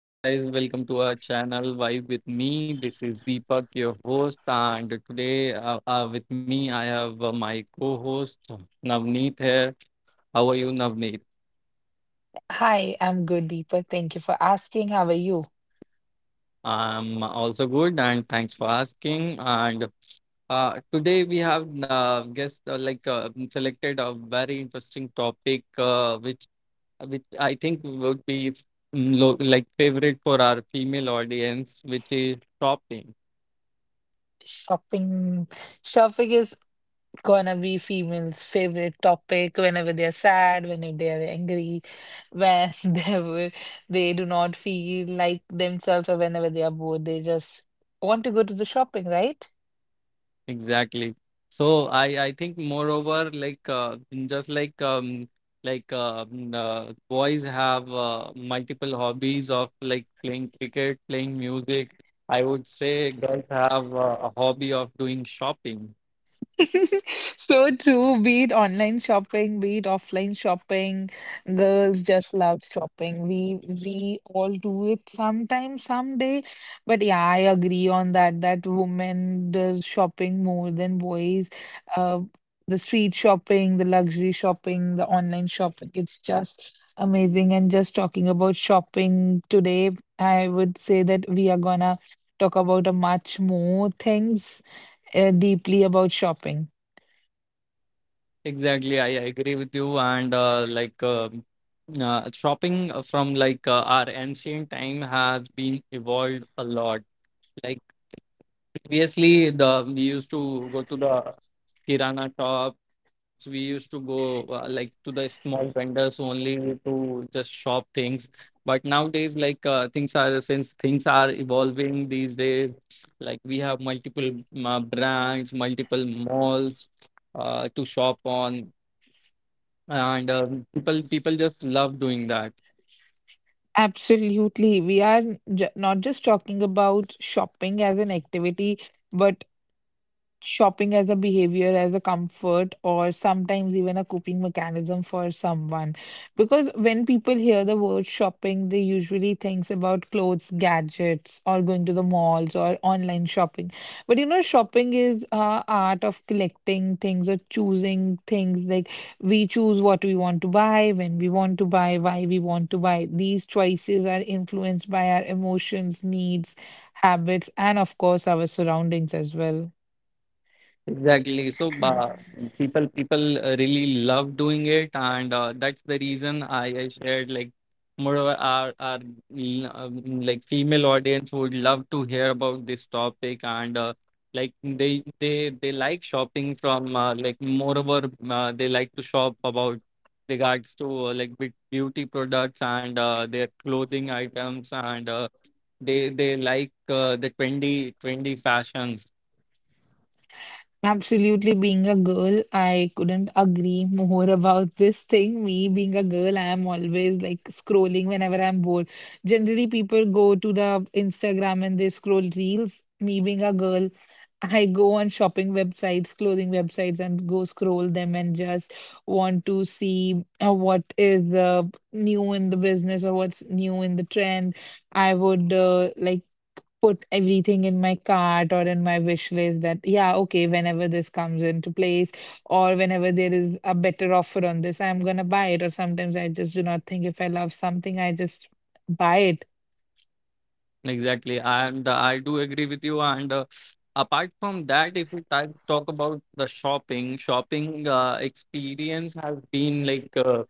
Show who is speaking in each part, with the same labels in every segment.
Speaker 1: Hey guys, welcome to our channel Vibe with me. This is Deepak, your host, and today, with me I have my co-host Navneet here. How are you, Navneet?
Speaker 2: Hi, I'm good, Deepak. Thank you for asking. How are you?
Speaker 1: I'm also good, and thanks for asking. And today we have guest, like, selected a very interesting topic, which I think would be, like, favorite for our female audience, which is shopping.
Speaker 2: Shopping, shopping is gonna be females' favorite topic whenever they're sad, whenever they're angry, when whenever they do not feel like themselves, or whenever they are bored. They just want to go to the shopping, right?
Speaker 1: Exactly. So I think, moreover, like, just like, like, boys have multiple hobbies of, like, playing cricket, playing music. I would say girls have a hobby of doing shopping.
Speaker 2: So true, be it online shopping, be it offline shopping, girls just love shopping. We all do it sometime, someday. But yeah, I agree on that, that women does shopping more than boys. Uh, the street shopping, the luxury shopping, the online shopping, it's just amazing. And just talking about shopping today, I would say that we are gonna talk about a much more things deeply about shopping.
Speaker 1: Exactly, I agree with you. And like, shopping from, like, our ancient time has been evolved a lot. Like. Previously, the we used to go to the kirana shops. We used to go, like, to the small vendors only to just shop things. But nowadays, like, things are since things are evolving these days, like, we have multiple brands, multiple malls, to shop on, and people just love doing that.
Speaker 2: Absolutely. We are not just talking about shopping as an activity, but shopping as a behavior, as a comfort, or sometimes even a coping mechanism for someone. Because when people hear the word shopping, they usually thinks about clothes, gadgets, or going to the malls or online shopping. But you know, shopping is art of collecting things or choosing things. Like we choose what we want to buy, when we want to buy, why we want to buy. These choices are influenced by our emotions, needs, habits, and of course, our surroundings as well.
Speaker 1: Exactly. So, people really love doing it, and that's the reason I shared, like, moreover our like, female audience would love to hear about this topic, and like they like shopping from, like, moreover, they like to shop about regards to, like, beauty products and their clothing items, and they like the trendy fashions.
Speaker 2: Absolutely, being a girl, I couldn't agree more about this thing. Me being a girl, I am always like scrolling whenever I'm bored. Generally, people go to the Instagram and they scroll reels. Me being a girl, I go on shopping websites, clothing websites, and go scroll them and just want to see what is new in the business or what's new in the trend. I would like put everything in my cart or in my wish list that, yeah, okay, whenever this comes into place or whenever there is a better offer on this, I'm gonna buy it. Or sometimes I just do not think if I love something, I just buy it.
Speaker 1: Exactly, and I do agree with you. And apart from that, if we talk about the shopping experience has been like uh,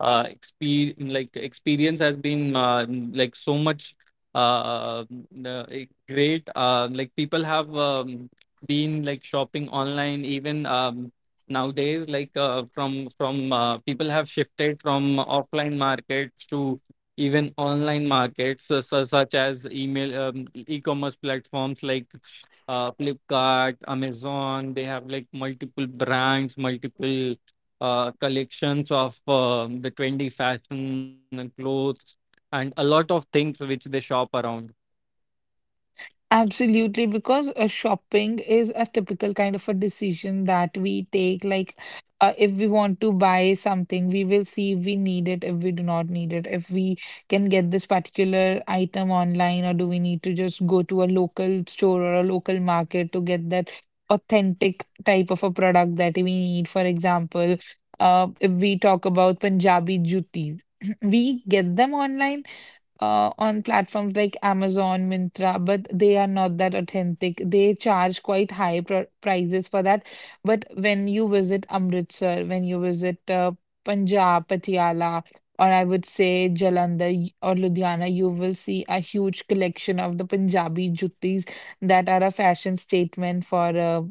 Speaker 1: uh, exper like experience has been like, so much, great. Like, people have been, like, shopping online even, nowadays. Like, from people have shifted from offline markets to even online markets, so, such as email, e-commerce platforms like Flipkart, Amazon. They have, like, multiple brands, multiple collections of the trendy fashion and clothes, and a lot of things which they shop around.
Speaker 2: Absolutely, because shopping is a typical kind of a decision that we take. Like, if we want to buy something, we will see if we need it, if we do not need it, if we can get this particular item online, or do we need to just go to a local store or a local market to get that authentic type of a product that we need. For example, if we talk about Punjabi jutti, we get them online on platforms like Amazon, Mintra, but they are not that authentic. They charge quite high pr prices for that. But when you visit Amritsar, when you visit Punjab, Patiala, or I would say Jalandhar or Ludhiana, you will see a huge collection of the Punjabi juttis that are a fashion statement for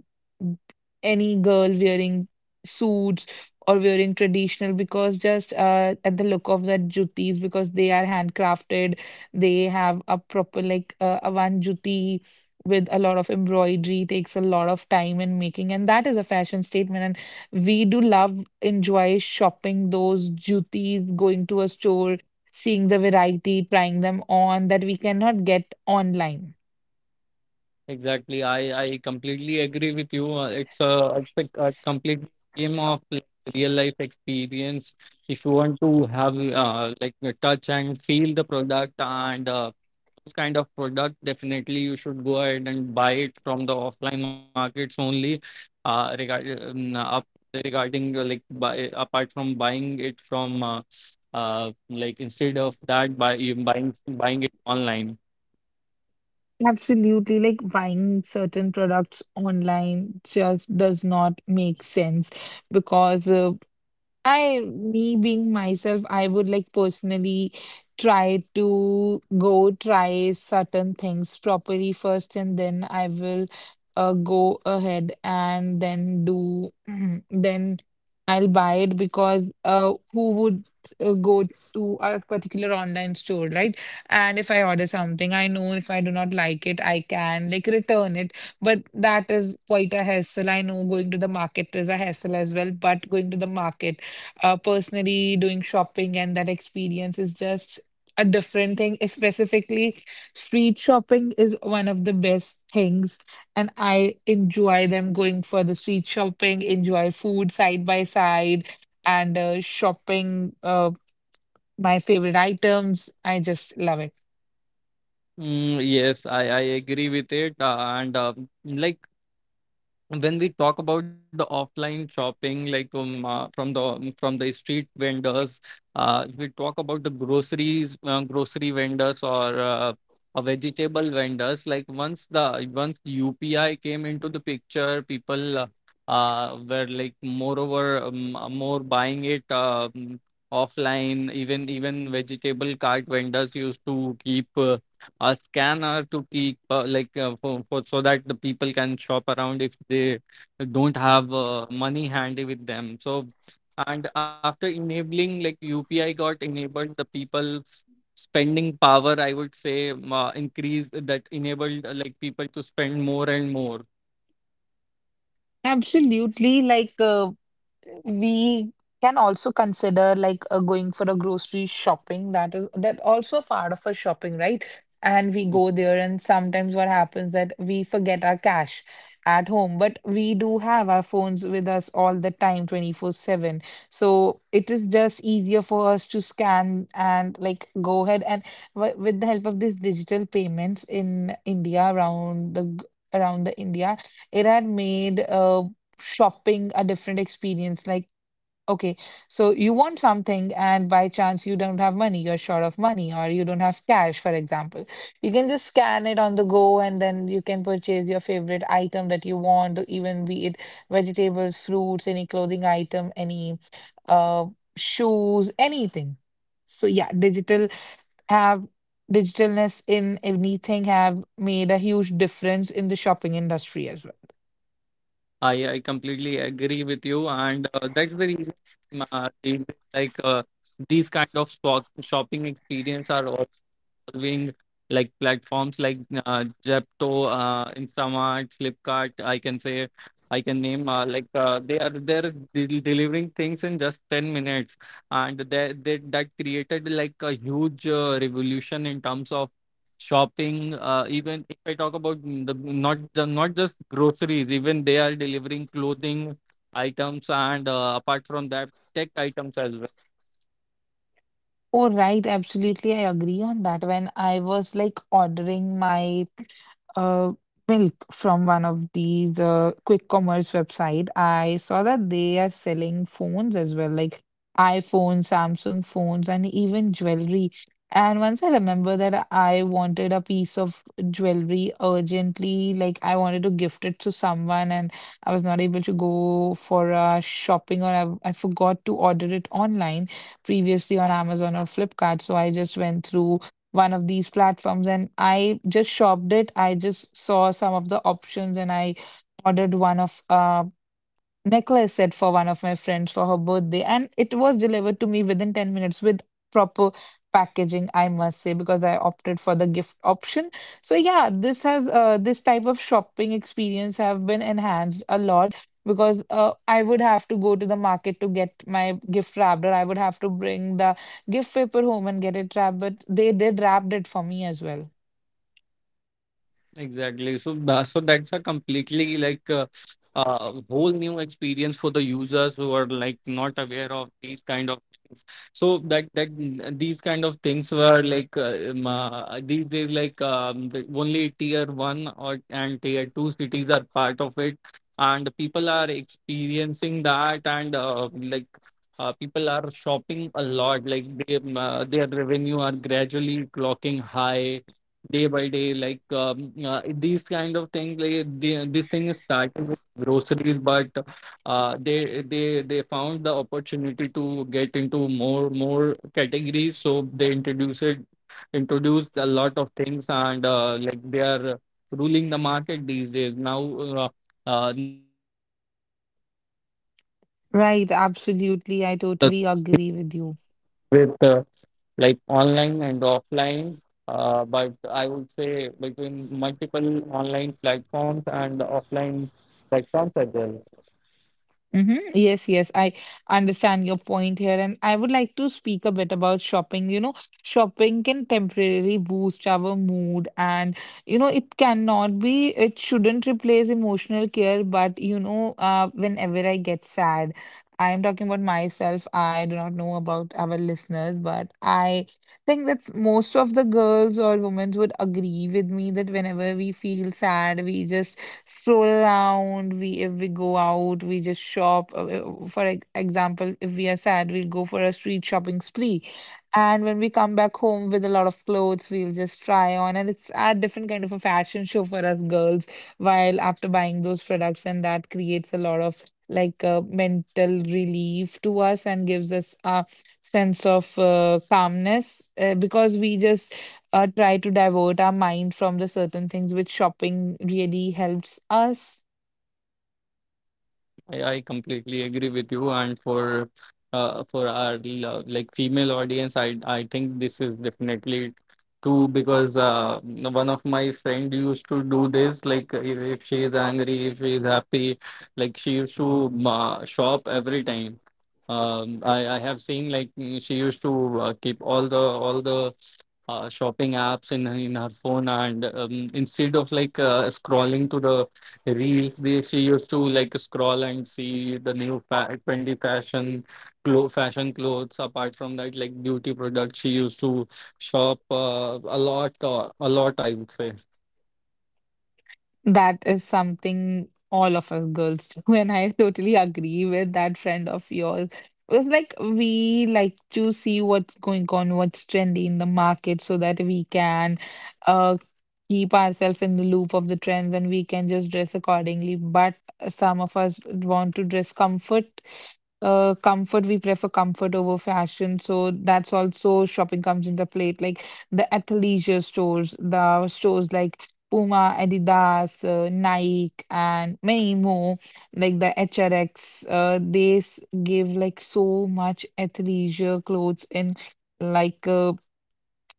Speaker 2: any girl wearing suits or wearing traditional, because just at the look of that jutis, because they are handcrafted, they have a proper like a one juti with a lot of embroidery takes a lot of time in making, and that is a fashion statement, and we do love enjoy shopping those jutis, going to a store, seeing the variety, trying them on, that we cannot get online.
Speaker 1: Exactly, I completely agree with you. It's a complete game of, like, real life experience. If you want to have, like, touch and feel the product, and those kind of product, definitely you should go ahead and buy it from the offline markets only, uh regard um, up regarding, like, apart from buying it from, like, instead of that, buy you buying buying it online.
Speaker 2: Absolutely, like buying certain products online just does not make sense because me being myself, I would like personally try to go try certain things properly first, and then I will go ahead and then do, then I'll buy it. Because who would go to a particular online store, right? And if I order something, I know if I do not like it, I can like return it. But that is quite a hassle. I know going to the market is a hassle as well, but going to the market, personally doing shopping, and that experience is just a different thing. Specifically, street shopping is one of the best things, and I enjoy them going for the street shopping, enjoy food side by side, and shopping my favorite items. I just love it.
Speaker 1: Yes, I agree with it, and, like, when we talk about the offline shopping, like, from the, from the street vendors. If we talk about the groceries, grocery vendors, or vegetable vendors, like, once UPI came into the picture, people, were, like, moreover, more buying it, offline. Even vegetable cart vendors used to keep a scanner, to keep like for, so that the people can shop around if they don't have money handy with them. So, and after enabling like, UPI got enabled, the people's spending power, I would say, increased. That enabled, like, people to spend more and more.
Speaker 2: Absolutely. Like, we can also consider like going for a grocery shopping. That is that also a part of a shopping, right? And we go there, and sometimes what happens that we forget our cash at home, but we do have our phones with us all the time, 24/7. So it is just easier for us to scan and like go ahead and with the help of these digital payments in India around the around the India, it had made shopping a different experience. Like, okay, so you want something, and by chance you don't have money, you're short of money, or you don't have cash, for example. You can just scan it on the go, and then you can purchase your favorite item that you want, even be it vegetables, fruits, any clothing item, any uh, shoes, anything. So, yeah, digital have digitalness in anything have made a huge difference in the shopping industry as well.
Speaker 1: I completely agree with you, and that's the reason uh, the- like uh, these kind of stock shopping experience are involving, like, platforms like Zepto, Instamart, Flipkart. I can name, like, they're delivering things in just 10 minutes, and they that created, like, a huge revolution in terms of shopping. Even if I talk about, mm, the not not just groceries, even they are delivering clothing items, and apart from that, tech items as well.
Speaker 2: Oh, right. Absolutely. I agree on that. When I was like ordering my uh, milk from one of these quick commerce website, I saw that they are selling phones as well, like iPhones, Samsung phones, and even jewelry. And once I remember that I wanted a piece of jewelry urgently, like I wanted to gift it to someone, and I was not able to go for shopping, or I forgot to order it online previously on Amazon or Flipkart. So I just went through one of these platforms and I just shopped it. I just saw some of the options and I ordered one of necklace set for one of my friends for her birthday, and it was delivered to me within 10 minutes with proper packaging, I must say, because I opted for the gift option. So yeah, this has this type of shopping experience have been enhanced a lot, because I would have to go to the market to get my gift wrapped, or I would have to bring the gift paper home and get it wrapped, but they did wrapped it for me as well.
Speaker 1: Exactly. So that's a completely, like, a, whole new experience for the users who are not aware of these kind of things. These kind of things were, like, these days, like, the only tier one or and tier two cities are part of it, and people are experiencing that, and, like. People are shopping a lot, like, their revenue are gradually clocking high day by day, like, these kind of things, like, this thing is started with groceries, but they found the opportunity to get into more categories, so they introduced a lot of things, and like, they are ruling the market these days now, uh, uh,
Speaker 2: Right, absolutely. I totally agree with you.
Speaker 1: with, like, online and offline, but I would say between multiple online platforms and offline platforms as well.
Speaker 2: Yes, yes, I understand your point here, and I would like to speak a bit about shopping. You know, shopping can temporarily boost our mood, and you know, it cannot be, it shouldn't replace emotional care. But you know, whenever I get sad, I am talking about myself, I do not know about our listeners, but I think that most of the girls or women would agree with me that whenever we feel sad, we just stroll around. We if we go out we just shop. For example, if we are sad, we'll go for a street shopping spree, and when we come back home with a lot of clothes, we'll just try on, and it's a different kind of a fashion show for us girls, while after buying those products, and that creates a lot of like mental relief to us and gives us a sense of calmness, because we just try to divert our mind from the certain things which shopping really helps us.
Speaker 1: I completely agree with you. And for, our, like, female audience, I think this is definitely true, because, one of my friend used to do this. Like, if she is angry, if she is happy, like, she used to shop every time. I have seen, like, she used to keep all the shopping apps in in her phone, and instead of, like, scrolling to the reels, they she used to, like, scroll and see the new trendy fashion, fashion clothes. Apart from that, like, beauty products she used to shop a lot, a lot, I would say.
Speaker 2: That is something all of us girls do, and I totally agree with that friend of yours. It was like we like to see what's going on, what's trendy in the market, so that we can uh keep ourselves in the loop of the trends, and we can just dress accordingly. But some of us want to dress comfort, we prefer comfort over fashion, so that's also shopping comes in the plate, like the athleisure stores, the stores like Puma, Adidas, Nike, and many more, like the HRX. They give like so much athleisure clothes in like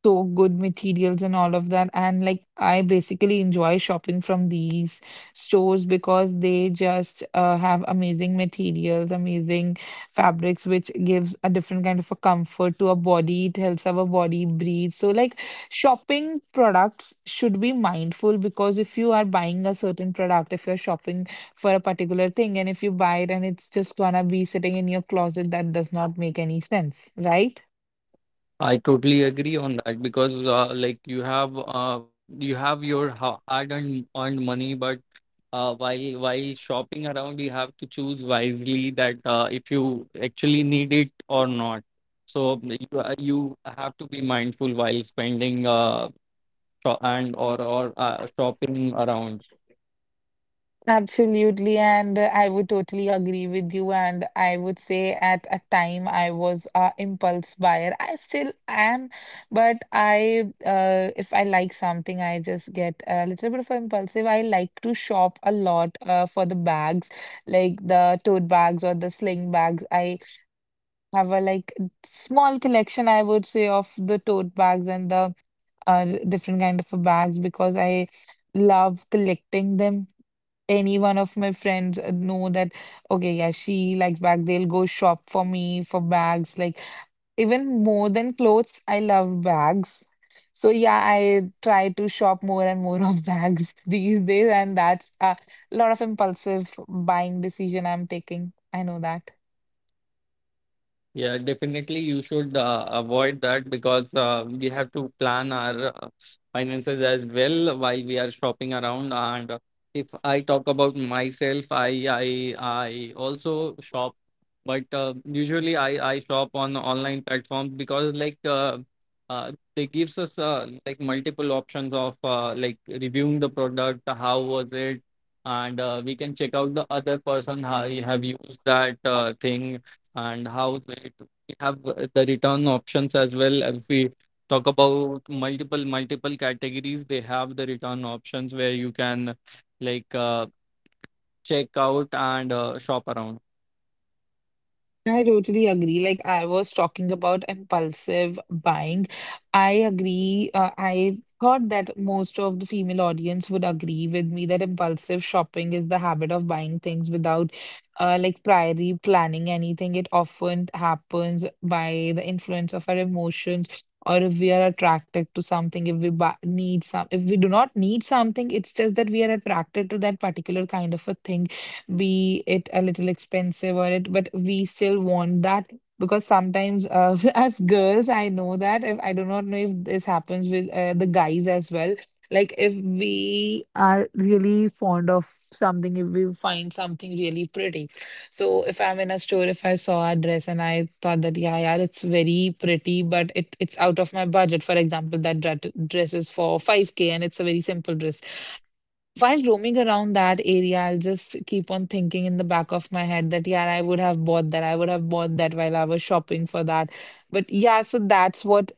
Speaker 2: so good materials and all of that. And like I basically enjoy shopping from these stores because they just have amazing materials, amazing fabrics, which gives a different kind of a comfort to our body. It helps our body breathe. So like shopping products should be mindful, because if you are buying a certain product, if you're shopping for a particular thing, and if you buy it and it's just gonna be sitting in your closet, that does not make any sense, right?
Speaker 1: I totally agree on that, because like, you have your hard earned money. But while shopping around, you have to choose wisely that, if you actually need it or not. You have to be mindful while spending, sho- and or shopping around.
Speaker 2: Absolutely, and I would totally agree with you. And I would say at a time I was a impulse buyer. I still am, but I, if I like something, I just get a little bit of impulsive. I like to shop a lot, for the bags, like the tote bags or the sling bags. I have a small collection, I would say, of the tote bags and the different kind of bags because I love collecting them. Any one of my friends know that, okay, yeah, she likes bag, they'll go shop for me for bags, like even more than clothes. I love bags. So yeah, I try to shop more and more of bags these days, and that's a lot of impulsive buying decision I'm taking, I know that.
Speaker 1: Yeah, definitely you should avoid that, because we have to plan our finances as well while we are shopping around. And if I talk about myself, I also shop, but usually I shop on online platforms, because, like, they gives us, like, multiple options of, like, reviewing the product, how was it, and we can check out the other person how he have used that thing, and how it we have the return options as well. If we talk about multiple categories, they have the return options where you can, like, check out and shop around.
Speaker 2: I totally agree. Like I was talking about impulsive buying. I agree. I thought that most of the female audience would agree with me that impulsive shopping is the habit of buying things without like priorly planning anything. It often happens by the influence of our emotions, or if we are attracted to something, if we buy, need some, if we do not need something, it's just that we are attracted to that particular kind of a thing, be it a little expensive or it, but we still want that, because sometimes as girls, I know that, if I do not know if this happens with the guys as well. Like if we are really fond of something, if we find something really pretty. So if I'm in a store, if I saw a dress and I thought that, yeah, yeah, it's very pretty, but it's out of my budget. For example, dress is for 5K and it's a very simple dress. While roaming around that area, I'll just keep on thinking in the back of my head that, yeah, I would have bought that. I would have bought that while I was shopping for that. But yeah, so that's what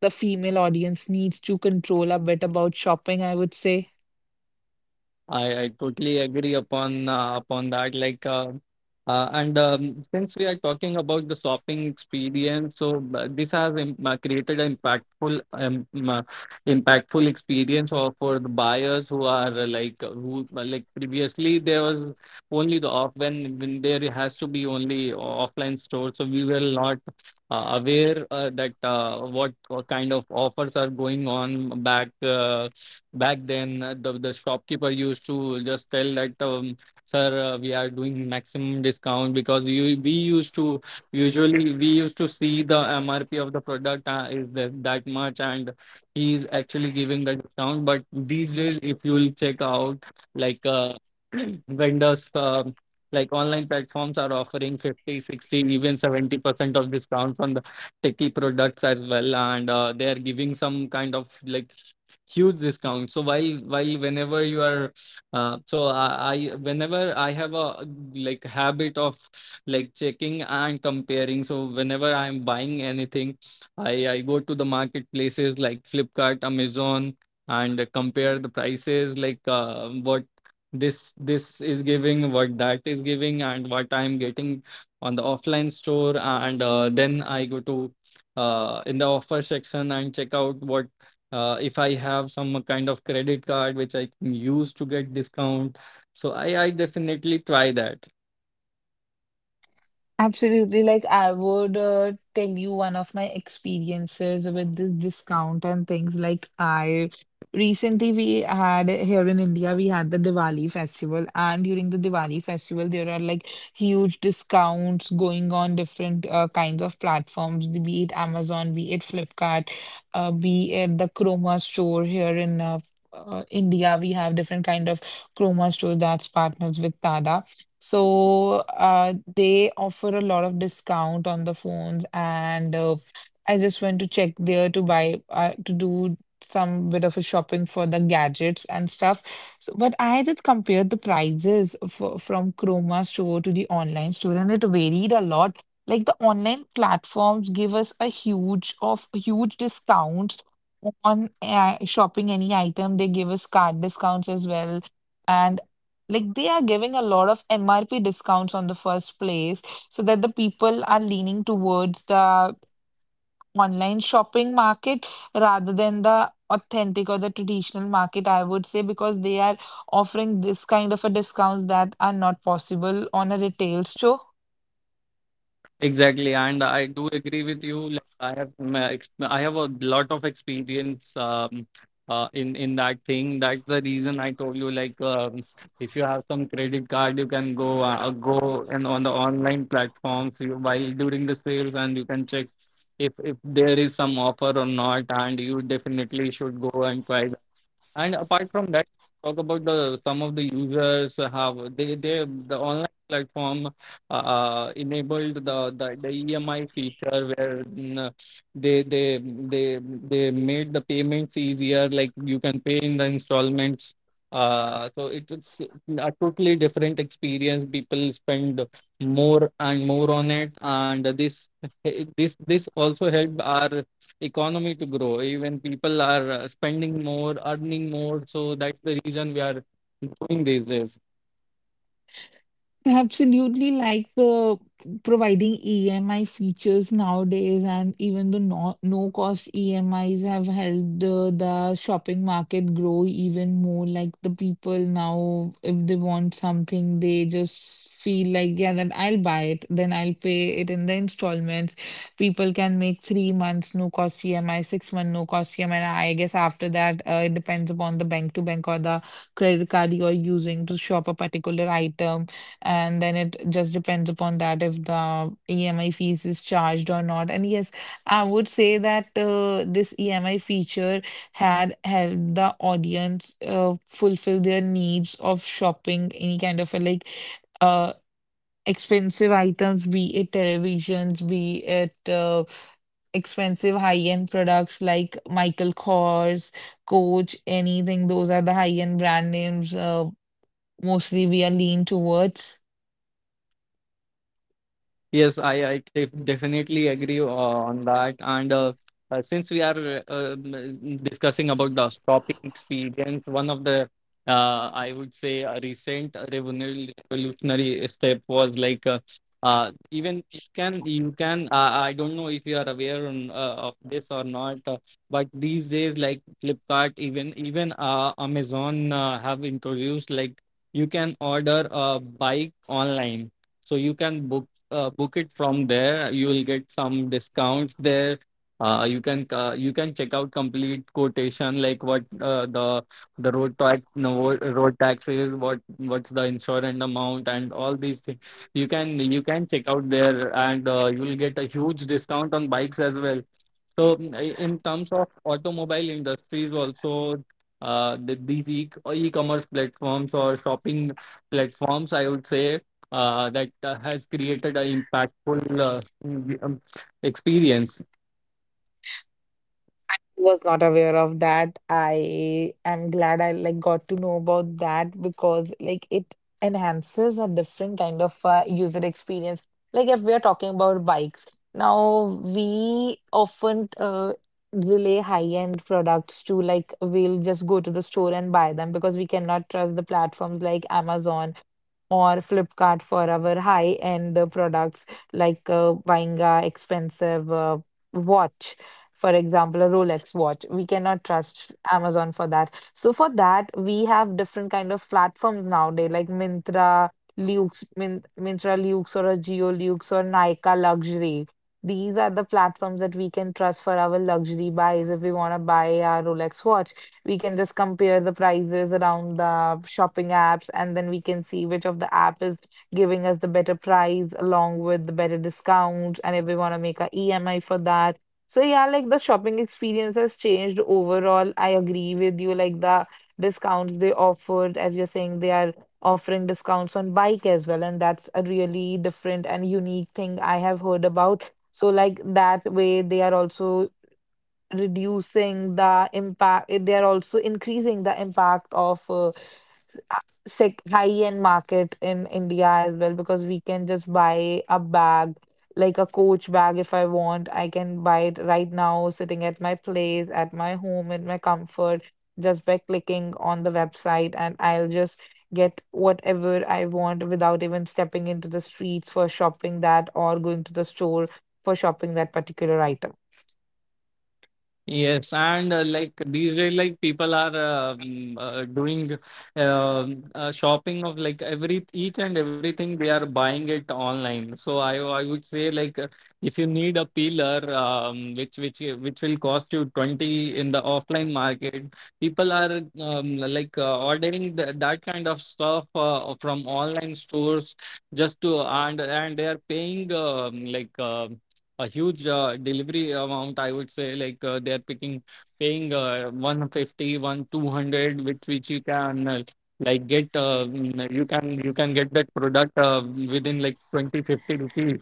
Speaker 2: the female audience needs to control a bit about shopping, I would say.
Speaker 1: I totally agree upon that. Like, and, since we are talking about the shopping experience, so this has, im created an impactful experience for the buyers who are, who like, previously there was only the off when there has to be only offline store, so we will not, aware, that what kind of offers are going on back. Back then, the shopkeeper used to just tell that, sir, we are doing maximum discount, because you we used to usually we used to see the MRP of the product, is that much, and he is actually giving the discount. But these days, if you'll check out, like, vendors like, online platforms are offering 50, 60, even 70% of discounts on the techie products as well, and they are giving some kind of, like, huge discount. So while whenever you are so I whenever I have a, like, habit of, like, checking and comparing. So whenever I am buying anything, I go to the marketplaces like Flipkart, Amazon, and compare the prices, like, what this is giving, what that is giving, and what I'm getting on the offline store. And then I go to, in the offer section, and check out what, if I have some kind of credit card which I can use to get discount. So I definitely try that.
Speaker 2: Absolutely. Like I would tell you one of my experiences with this discount and things. Like I recently, we had here in India, we had the Diwali festival, and during the Diwali festival, there are like huge discounts going on different kinds of platforms, be it Amazon, be it Flipkart, be it the Chroma store here in India. We have different kind of Chroma store that's partners with Tada, so they offer a lot of discount on the phones, and I just went to check there to buy to do some bit of a shopping for the gadgets and stuff. So, but I did compare the prices for, from Chroma store to the online store, and it varied a lot. Like the online platforms give us a huge of huge discounts on shopping any item. They give us card discounts as well. And like they are giving a lot of MRP discounts on the first place, so that the people are leaning towards the online shopping market rather than the authentic or the traditional market, I would say, because they are offering this kind of a discount that are not possible on a retail store.
Speaker 1: Exactly, and I do agree with you. Like, I have a lot of experience, in that thing. That's the reason I told you. Like, if you have some credit card, you can go, and on the online platforms while during the sales, and you can check if there is some offer or not. And you definitely should go and try. And apart from that, talk about the some of the users, have the online platform enabled the EMI feature, where, they made the payments easier. Like, you can pay in the installments. So it was a totally different experience. People spend more and more on it, and this this also helped our economy to grow. Even people are spending more, earning more. So that's the reason we are doing these days.
Speaker 2: Absolutely, like the providing EMI features nowadays, and even the no, no cost EMIs have helped the shopping market grow even more. Like the people now, if they want something, they just feel like, yeah, then I'll buy it, then I'll pay it in the installments. People can make 3 months no cost EMI, 6 month no cost EMI. And I guess after that, it depends upon the bank to bank or the credit card you're using to shop a particular item, and then it just depends upon that if the EMI fees is charged or not. And yes, I would say that this EMI feature had helped the audience fulfill their needs of shopping any kind of a, like uh expensive items, be it televisions, be it expensive high-end products like Michael Kors, Coach, anything. Those are the high-end brand names. Mostly we are lean towards.
Speaker 1: Yes, I definitely agree on that. And since we are discussing about the shopping experience, one of the, I would say, a recent revolutionary step was like, even you can you can, I don't know if you are aware on, of this or not, but these days like Flipkart, even Amazon have introduced like you can order a bike online, so you can book it from there. You will get some discounts there. You can, you can check out complete quotation, like what, the road tax no, road tax is, what's the insurance amount and all these things you can, check out there, and you will get a huge discount on bikes as well. So in terms of automobile industries also, the, these e-commerce platforms or shopping platforms, I would say, that, has created an impactful, experience.
Speaker 2: Was not aware of that. I am glad I like got to know about that, because like it enhances a different kind of user experience. Like if we are talking about bikes, now we often relay high-end products to, like we'll just go to the store and buy them because we cannot trust the platforms like Amazon or Flipkart for our high-end products, like buying a expensive watch, for example, a Rolex watch. We cannot trust Amazon for that. So for that, we have different kind of platforms nowadays, like Mintra, Lux, Mintra Lux, or a Geo Lux, or Nykaa Luxury. These are the platforms that we can trust for our luxury buys. If we want to buy our Rolex watch, we can just compare the prices around the shopping apps, and then we can see which of the app is giving us the better price along with the better discounts. And if we want to make a EMI for that, so yeah, like the shopping experience has changed overall. I agree with you. Like the discounts they offered, as you're saying, they are offering discounts on bike as well, and that's a really different and unique thing I have heard about. So like that way, they are also reducing the impact. They are also increasing the impact of high-end market in India as well, because we can just buy a bag, like a Coach bag if I want. I can buy it right now, sitting at my place, at my home, in my comfort, just by clicking on the website, and I'll just get whatever I want without even stepping into the streets for shopping that or going to the store for shopping that particular item.
Speaker 1: Yes, and like these days, like people are doing, shopping of like every each and everything, they are buying it online. So I would say, like, if you need a peeler, which will cost you 20 in the offline market, people are like ordering that kind of stuff from online stores, just to, and they are paying, a huge delivery amount, I would say. Like they're picking paying, 150, 200, which you can, like get, you can get that product within like 20-50 rupees.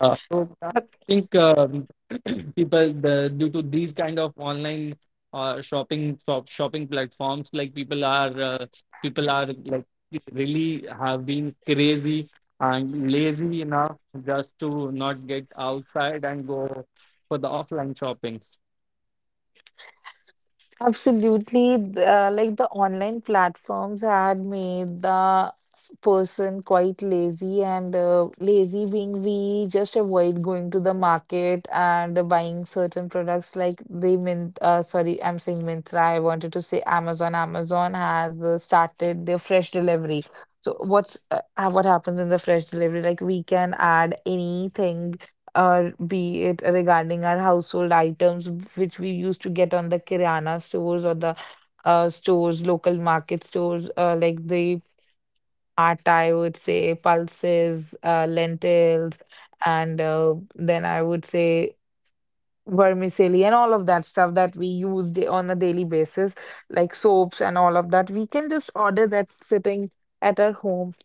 Speaker 1: So I think, people the, due to these kind of online shopping shopping platforms, like people are, people are like really have been crazy and lazy enough, just to not get outside and go for the offline shoppings.
Speaker 2: Absolutely. Like the online platforms had made the person quite lazy, and lazy being we just avoid going to the market and buying certain products. Like they Mint, sorry, I'm saying Mintra. I wanted to say Amazon. Amazon has started their fresh delivery. So what's what happens in the fresh delivery? Like we can add anything or be it regarding our household items which we used to get on the kirana stores or the stores, local market stores, like the atta, I would say, pulses, lentils, and then I would say vermicelli and all of that stuff that we use on a daily basis, like soaps and all of that. We can just order that sitting at our home.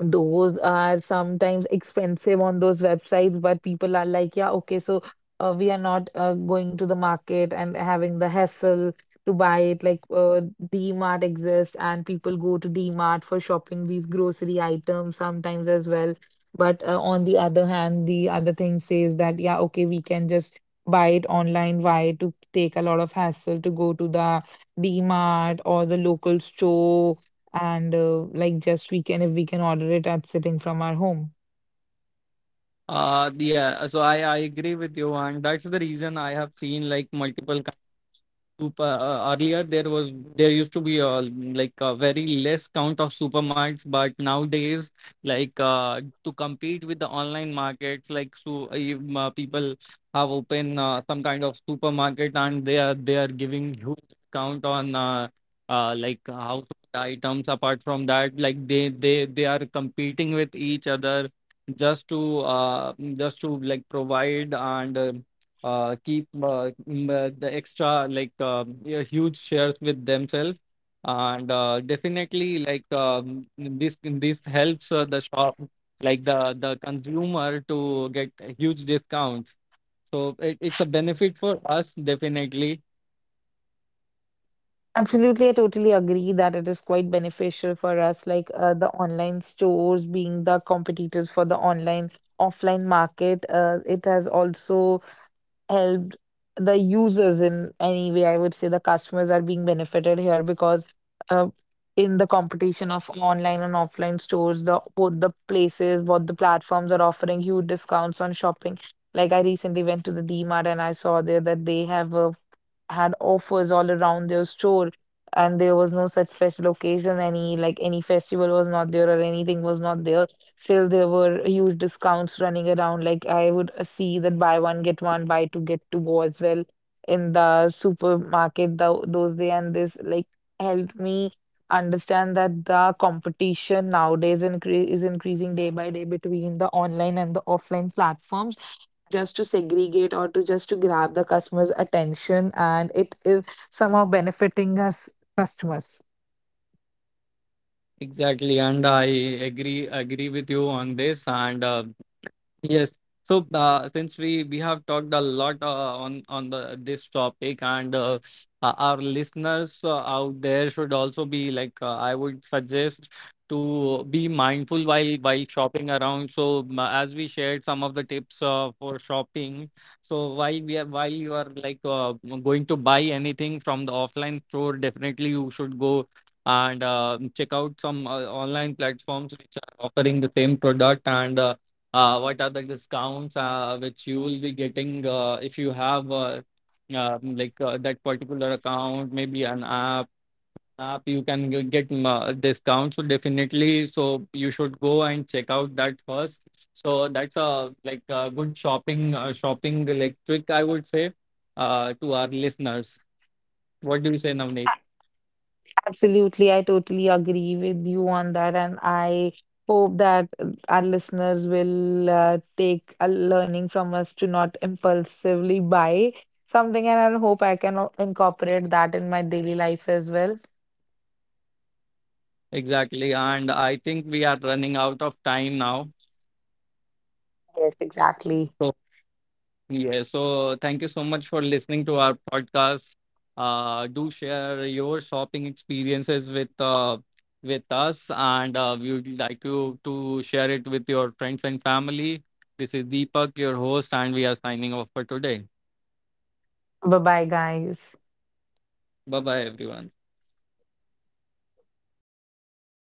Speaker 2: Those are sometimes expensive on those websites, but people are like, yeah, okay, so we are not going to the market and having the hassle to buy it. Like D-Mart exists, and people go to D-Mart for shopping these grocery items sometimes as well. But on the other hand, the other thing says that, yeah, okay, we can just buy it online. Why to take a lot of hassle to go to the D-Mart or the local store, and like just we can, if we can order it at sitting from our home?
Speaker 1: Yeah, so I agree with you, and that's the reason I have seen like multiple super, earlier there was, there used to be a like a very less count of supermarts, but nowadays like, to compete with the online markets, like so, people have opened some kind of supermarket, and they are giving huge discount on, like household items. Apart from that, like they are competing with each other, just to, just to like provide, and keep the extra like, yeah, huge shares with themselves. And definitely like, this helps the shop, like the consumer to get huge discounts. So it's a benefit for us definitely.
Speaker 2: Absolutely, I totally agree that it is quite beneficial for us, like the online stores being the competitors for the online offline market. It has also helped the users in any way. I would say the customers are being benefited here because uh, in the competition of online and offline stores, the both the places, both the platforms are offering huge discounts on shopping. Like I recently went to the DMart and I saw there that they have a had offers all around their store, and there was no such special occasion, any like any festival was not there or anything was not there. Still, there were huge discounts running around. Like I would see that buy one get one, buy two get two go as well in the supermarket those days, and this like helped me understand that the competition nowadays incre is increasing day by day between the online and the offline platforms, just to segregate or to just to grab the customer's attention, and it is somehow benefiting us customers.
Speaker 1: Exactly, and I agree with you on this, and yes. So, since we have talked a lot on the this topic, and, our listeners out there should also be like, I would suggest, to be mindful while shopping around. So, as we shared some of the tips for shopping, so while we are, while you are like, going to buy anything from the offline store, definitely you should go and check out some online platforms which are offering the same product. And, what are the discounts which you will be getting, if you have, like, that particular account, maybe an app, you can get discounts. So definitely, so you should go and check out that first. So that's a like a good shopping, like trick, I would say, to our listeners. What do you say, Navneet?
Speaker 2: Absolutely, I totally agree with you on that, and I hope that our listeners will take a learning from us to not impulsively buy something, and I hope I can incorporate that in my daily life as well.
Speaker 1: Exactly, and I think we are running out of time now.
Speaker 2: Yes, exactly.
Speaker 1: So yeah, so thank you so much for listening to our podcast. Do share your shopping experiences with, us, and we would like you to share it with your friends and family. This is Deepak, your host, and we are signing off for today.
Speaker 2: Bye bye, guys.
Speaker 1: Bye bye, everyone.